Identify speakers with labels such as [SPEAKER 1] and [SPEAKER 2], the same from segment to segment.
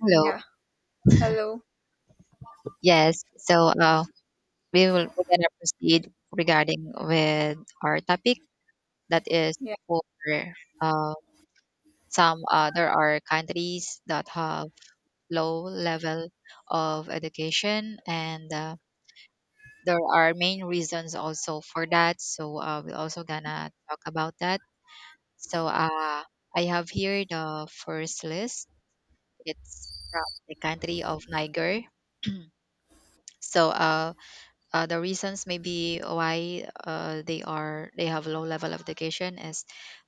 [SPEAKER 1] Hello.
[SPEAKER 2] Yeah, hello.
[SPEAKER 1] Yes. We're gonna proceed regarding with our topic that is
[SPEAKER 2] Yeah,
[SPEAKER 1] for uh, some there are countries that have low level of education and there are main reasons also for that. So we're also gonna talk about that. So uh, I have here the first list. It's from the country of Niger. so uh, the reasons maybe why they have low level of education is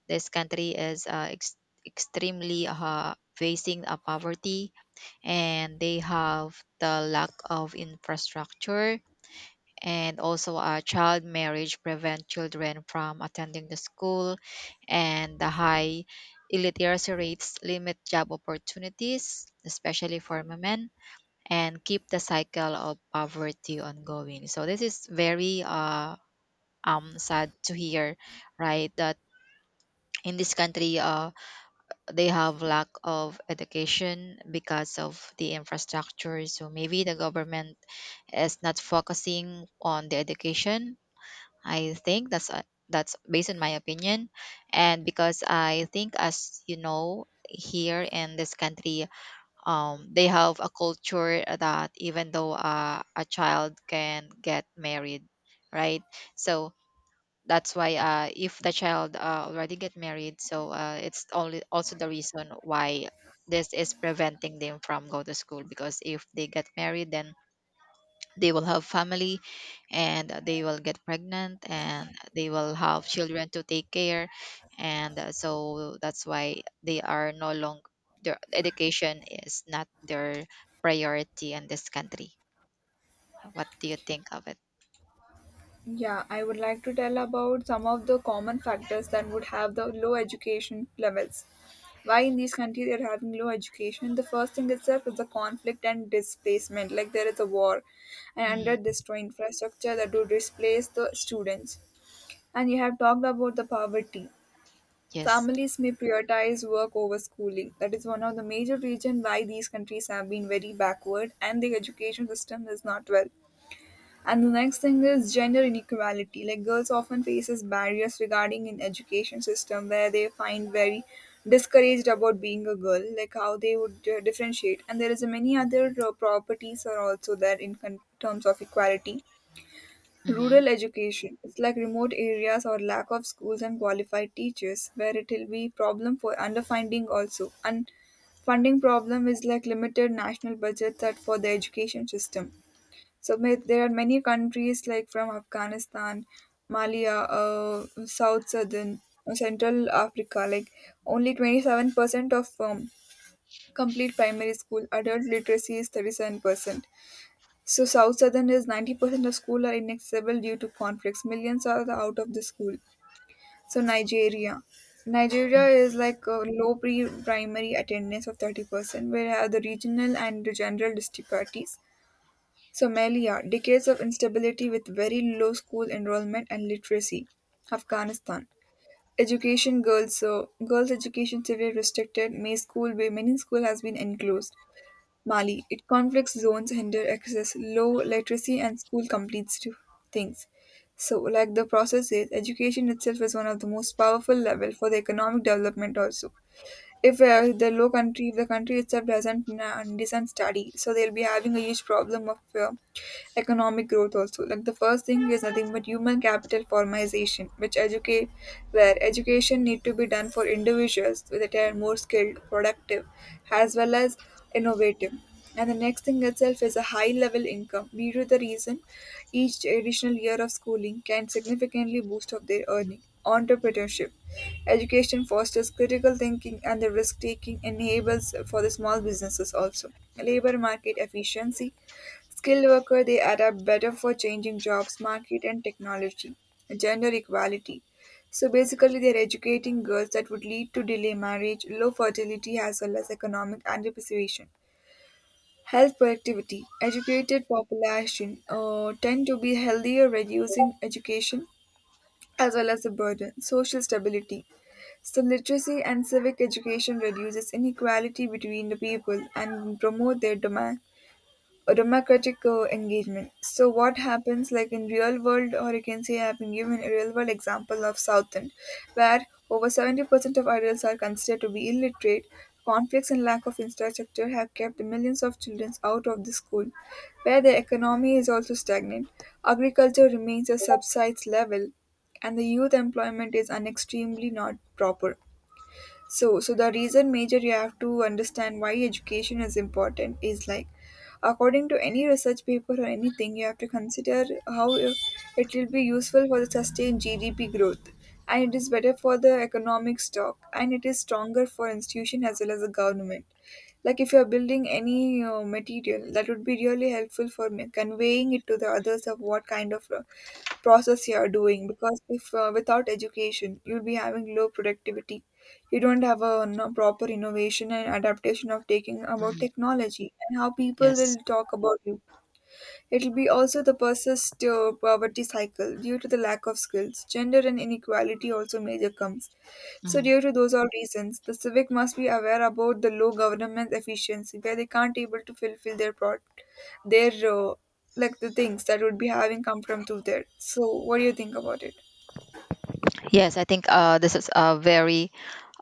[SPEAKER 1] this country is extremely facing a poverty, and they have the lack of infrastructure, and also child marriage prevent children from attending the school, and the high illiteracy rates limit job opportunities especially for women and keep the cycle of poverty ongoing. So this is very sad to hear, right? That in this country, they have lack of education because of the infrastructure. So maybe the government is not focusing on the education. I think that's That's based on my opinion, and because I think, as you know, here in this country they have a culture that even though a child can get married, right? So that's why if the child already get married, so it's only also the reason why this is preventing them from go to school, because if they get married then they will have family and they will get pregnant and they will have children to take care, and so that's why they are no longer, their education is not their priority in this country. What do you think of it?
[SPEAKER 2] yeah, I would like to tell about some of the common factors that would have the low education levels. Why in these countries they're having low education? The first thing itself is the conflict and displacement. Like there is a war and under
[SPEAKER 1] Mhm.
[SPEAKER 2] destroy infrastructure that would displace the students. And you have talked about the poverty.
[SPEAKER 1] yes
[SPEAKER 2] Families may prioritize work over schooling. That is one of the major reasons why these countries have been very backward and the education system is not well. And the next thing is gender inequality. Like girls often faces barriers regarding in education system where they find very discouraged about being a girl, like how they would differentiate. And there is a many other properties are also there in terms of equality.
[SPEAKER 1] hmm
[SPEAKER 2] Rural education. It's like remote areas or lack of schools and qualified teachers where it will be problem for underfunding also. And funding problem is like limited national budget that for the education system, there are many countries like from Afghanistan, Malia, South Southern, Central Africa. Like only 27% of complete primary school adult literacy is 37%. So South Southern is 90% of school are inaccessible due to conflicts. Millions are the out of the school. So Nigeria. Nigeria is like a low pre-primary attendance of 30%, where are the regional and the general disparities. Somalia: decades of instability with very low school enrollment and literacy. Afghanistan: education girls, so girls education severely restricted. May school where many school has been enclosed. Mali: it conflicts zones hinder access, low literacy and school completes to things. So, like the process is, education itself is one of the most powerful level for the economic development also, if the low country, if the country itself does not study, so they'll be having a huge problem of economic growth also, like the first thing is nothing but human capital formation, which educate where education need to be done for individuals that are more skilled productive as well as innovative. And the next thing itself is a high level income. Due to the reason each additional year of schooling can significantly boost up their earning. Entrepreneurship. Education fosters critical thinking and the risk taking enables for the small businesses also. Labor market efficiency. Skilled worker they adapt better for changing jobs, market and technology. Gender equality. So basically, they're educating girls that would lead to delay marriage, low fertility, as well as economic anticipation. Health productivity, educated population tend to be healthier, reducing education as well as the burden. Social stability, so literacy and civic education reduces inequality between the people and promote their demand democratic engagement. So what happens like in real world, or you can say I've been given a real world example of Southend, where over 70% of adults are considered to be illiterate. Conflicts and lack of infrastructure have kept millions of children out of the school, where the economy is also stagnant. Agriculture remains a subsides level, and the youth employment is an extremely not proper, so the reason major you have to understand why education is important is like, according to any research paper or anything, you have to consider how it will be useful for the sustained gdp growth, and it is better for the economic stock, and it is stronger for institution as well as the government. Like if you are building any material that would be really helpful for me conveying it to the others of what kind of process you are doing, because if without education, you'll be having low productivity, you don't have a no, proper innovation and adaptation of taking about technology and how people will
[SPEAKER 1] yes.
[SPEAKER 2] talk about you. It will be also the persist poverty cycle due to the lack of skills, gender and inequality also major comes. So
[SPEAKER 1] Hmm.
[SPEAKER 2] due to those all reasons, the civic must be aware about the low government efficiency where they can't able to fulfill their their like the things that would be having come from to there. So what do you think about it?
[SPEAKER 1] Yes, I think this is a very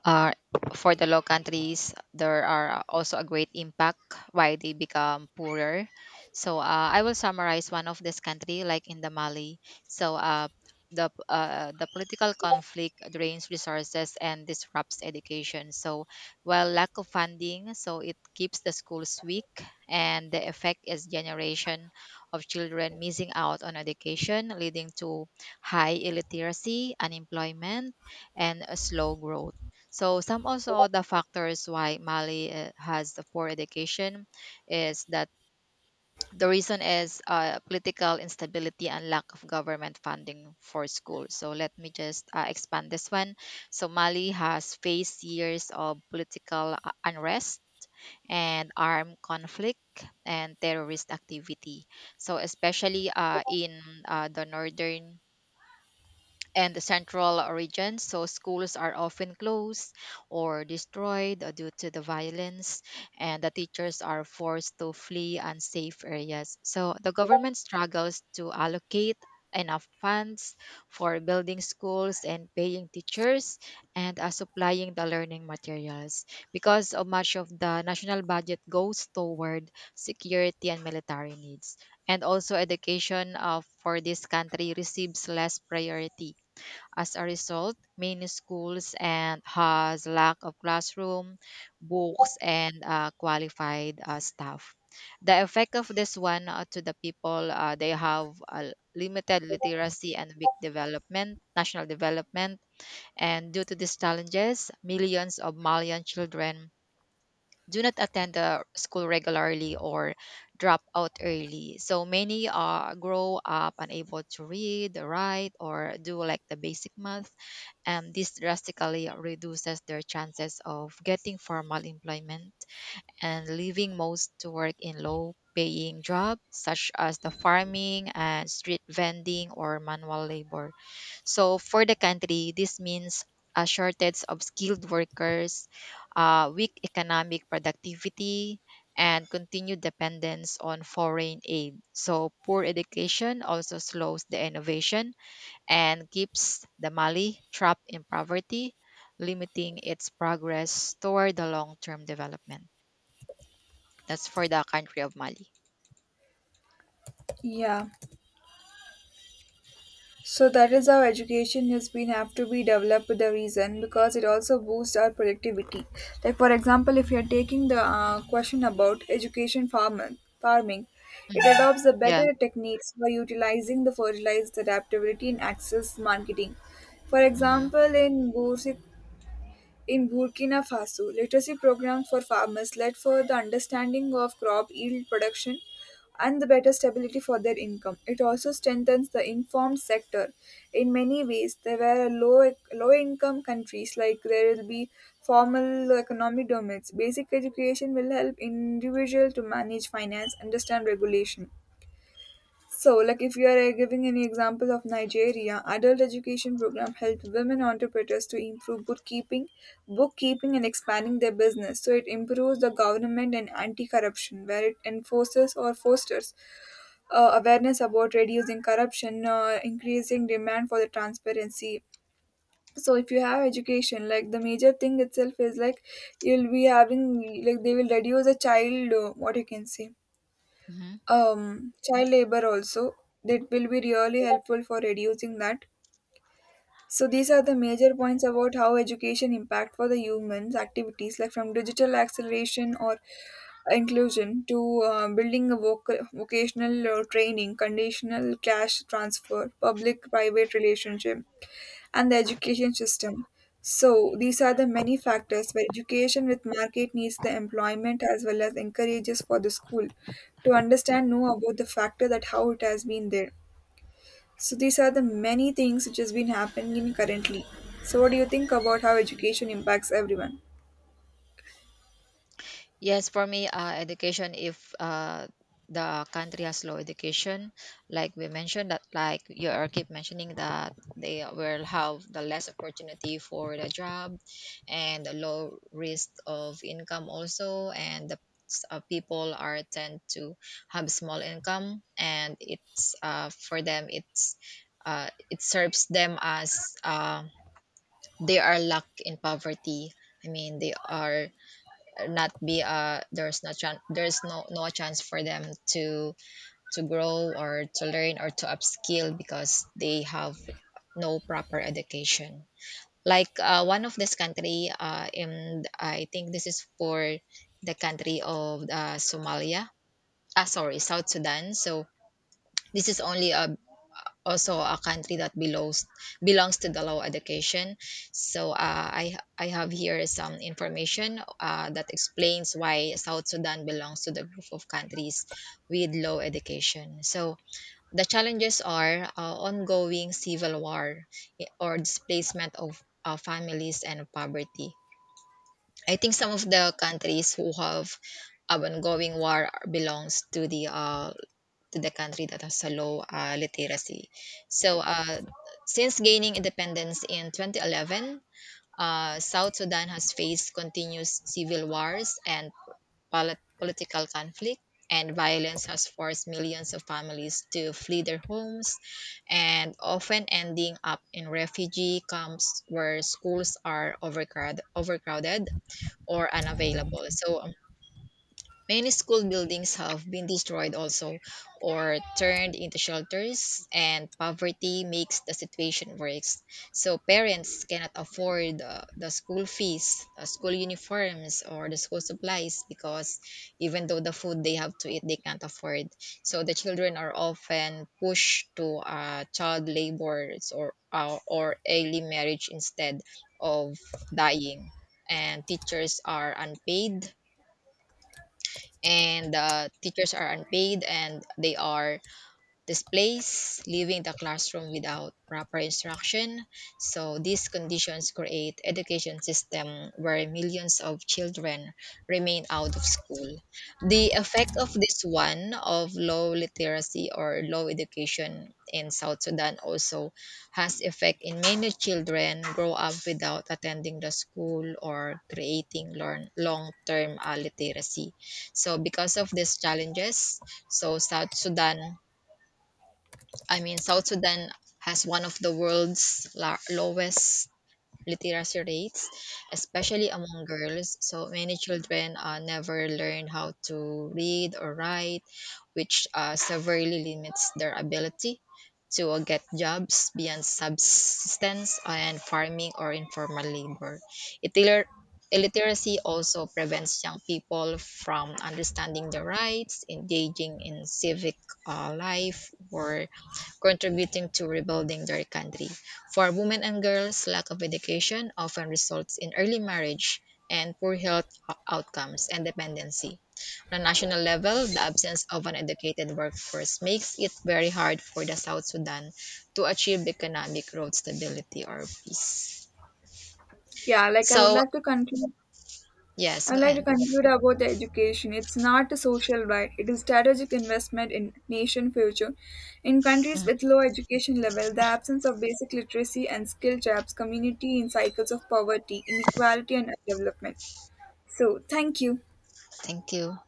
[SPEAKER 1] uh, for the low countries, there are also a great impact why they become poorer. So I will summarize one of this country, like in the Mali. So uh, the political conflict drains resources and disrupts education. So while lack of funding, so it keeps the schools weak, and the effect is generation of children missing out on education, leading to high illiteracy, unemployment, and a slow growth. So some also the factors why Mali has the poor education is that the reason is political instability and lack of government funding for schools. So let me just expand this one. So Mali has faced years of political unrest and armed conflict and terrorist activity. So especially in the northern and the central regions. So schools are often closed or destroyed due to the violence, and the teachers are forced to flee unsafe areas. So the government struggles to allocate enough funds for building schools and paying teachers and supplying the learning materials, because of much of the national budget goes toward security and military needs, and also education for this country receives less priority. As a result, many schools and has lack of classroom, books, and qualified staff. The effect of this one to the people, they have limited literacy and weak development, national development, and due to these challenges, millions of Malian children do not attend the school regularly or drop out early. So many grow up unable to read, write, or do like the basic math, and this drastically reduces their chances of getting formal employment and leaving most to work in low paying jobs such as the farming and street vending or manual labor. So for the country, this means a shortage of skilled workers, weak economic productivity, and continued dependence on foreign aid. So poor education also slows the innovation and keeps the Mali trapped in poverty, limiting its progress toward the long-term development. That's for the country of Mali.
[SPEAKER 2] Yeah. So that is how education has been have to be developed with the reason because it also boosts our productivity. Like for example, if you are taking the question about education farming, it
[SPEAKER 1] Mhm.
[SPEAKER 2] adopts the
[SPEAKER 1] Yeah.
[SPEAKER 2] better techniques for utilizing the fertilized adaptability in access marketing. For example, in Boursic, in Burkina Faso, literacy programs for farmers led for the understanding of crop yield production and the better stability for their income. It also strengthens the informed sector. In many ways, there were low income countries, like there will be formal economic domains. Basic education will help individual to manage finance, understand regulation. So, like if you are giving any example of Nigeria, adult education program helped women entrepreneurs to improve bookkeeping and expanding their business. So it improves the government and anti-corruption, where it enforces or fosters awareness about reducing corruption, increasing demand for the transparency. So if you have education, like the major thing itself is like you'll be having, like they will reduce the child, what you can say,
[SPEAKER 1] Hmm.
[SPEAKER 2] child labor also, that will be really helpful for reducing that. So these are the major points about how education impact for the humans activities, like from digital acceleration or inclusion to building a vocational training, conditional cash transfer, public private relationship and the education system. So, these are the many factors where education with market needs the employment as well as encourages for the school to understand know about the factor that how it has been there. So, these are the many things which has been happening currently. So, what do you think about how education impacts everyone?
[SPEAKER 1] Yes, for me, education, if the country has low education, like we mentioned that, like you are keep mentioning that they will have the less opportunity for the job and the low risk of income also, and people are tend to have small income, and it's for them it's it serves them as they are locked in poverty. I mean, they are not be there's no chance for them to grow or to learn or to upskill, because they have no proper education. Like one of this country in I think this is for the country of Somalia. Ah, sorry, South Sudan. So this is only also a country that belongs, to the low education. So I have here some information that explains why South Sudan belongs to the group of countries with low education. So the challenges are ongoing civil war, or displacement of families and poverty. I think some of the countries who have ongoing war belongs to the country that has a low literacy. So, since gaining independence in 2011, South Sudan has faced continuous civil wars and political conflict, and violence has forced millions of families to flee their homes and often ending up in refugee camps where schools are overcrowded or unavailable. So, many school buildings have been destroyed also or turned into shelters, and poverty makes the situation worse. So parents cannot afford the school fees, school uniforms, or the school supplies, because even though the food they have to eat, they can't afford. So the children are often pushed to child labors, or or early marriage instead of dying. And teachers are unpaid and Teachers are unpaid and they are displays, leaving the classroom without proper instruction. So these conditions create education system where millions of children remain out of school. The effect of this one of low literacy or low education in South Sudan also has effect in many children grow up without attending the school or creating learn long-term literacy. So because of these challenges, so South Sudan has one of the world's lowest literacy rates, especially among girls. So many children never learn how to read or write, which severely limits their ability to get jobs beyond subsistence and farming or informal labor. Illiter- Illiteracy also prevents young people from understanding their rights, engaging in civic life, or contributing to rebuilding their country. For women and girls, lack of education often results in early marriage and poor health outcomes and dependency. On a national level, the absence of an educated workforce makes it very hard for the South Sudan to achieve economic growth, stability, or peace.
[SPEAKER 2] Yeah, like I would
[SPEAKER 1] So,
[SPEAKER 2] like to conclude.
[SPEAKER 1] yes,
[SPEAKER 2] I'd
[SPEAKER 1] go
[SPEAKER 2] like to
[SPEAKER 1] ahead.
[SPEAKER 2] conclude about the education. It's not a social right. It is strategic investment in nation future. In countries
[SPEAKER 1] Mm.
[SPEAKER 2] with low education level, the absence of basic literacy and skill traps community in cycles of poverty, inequality and development. So thank you.
[SPEAKER 1] Thank you.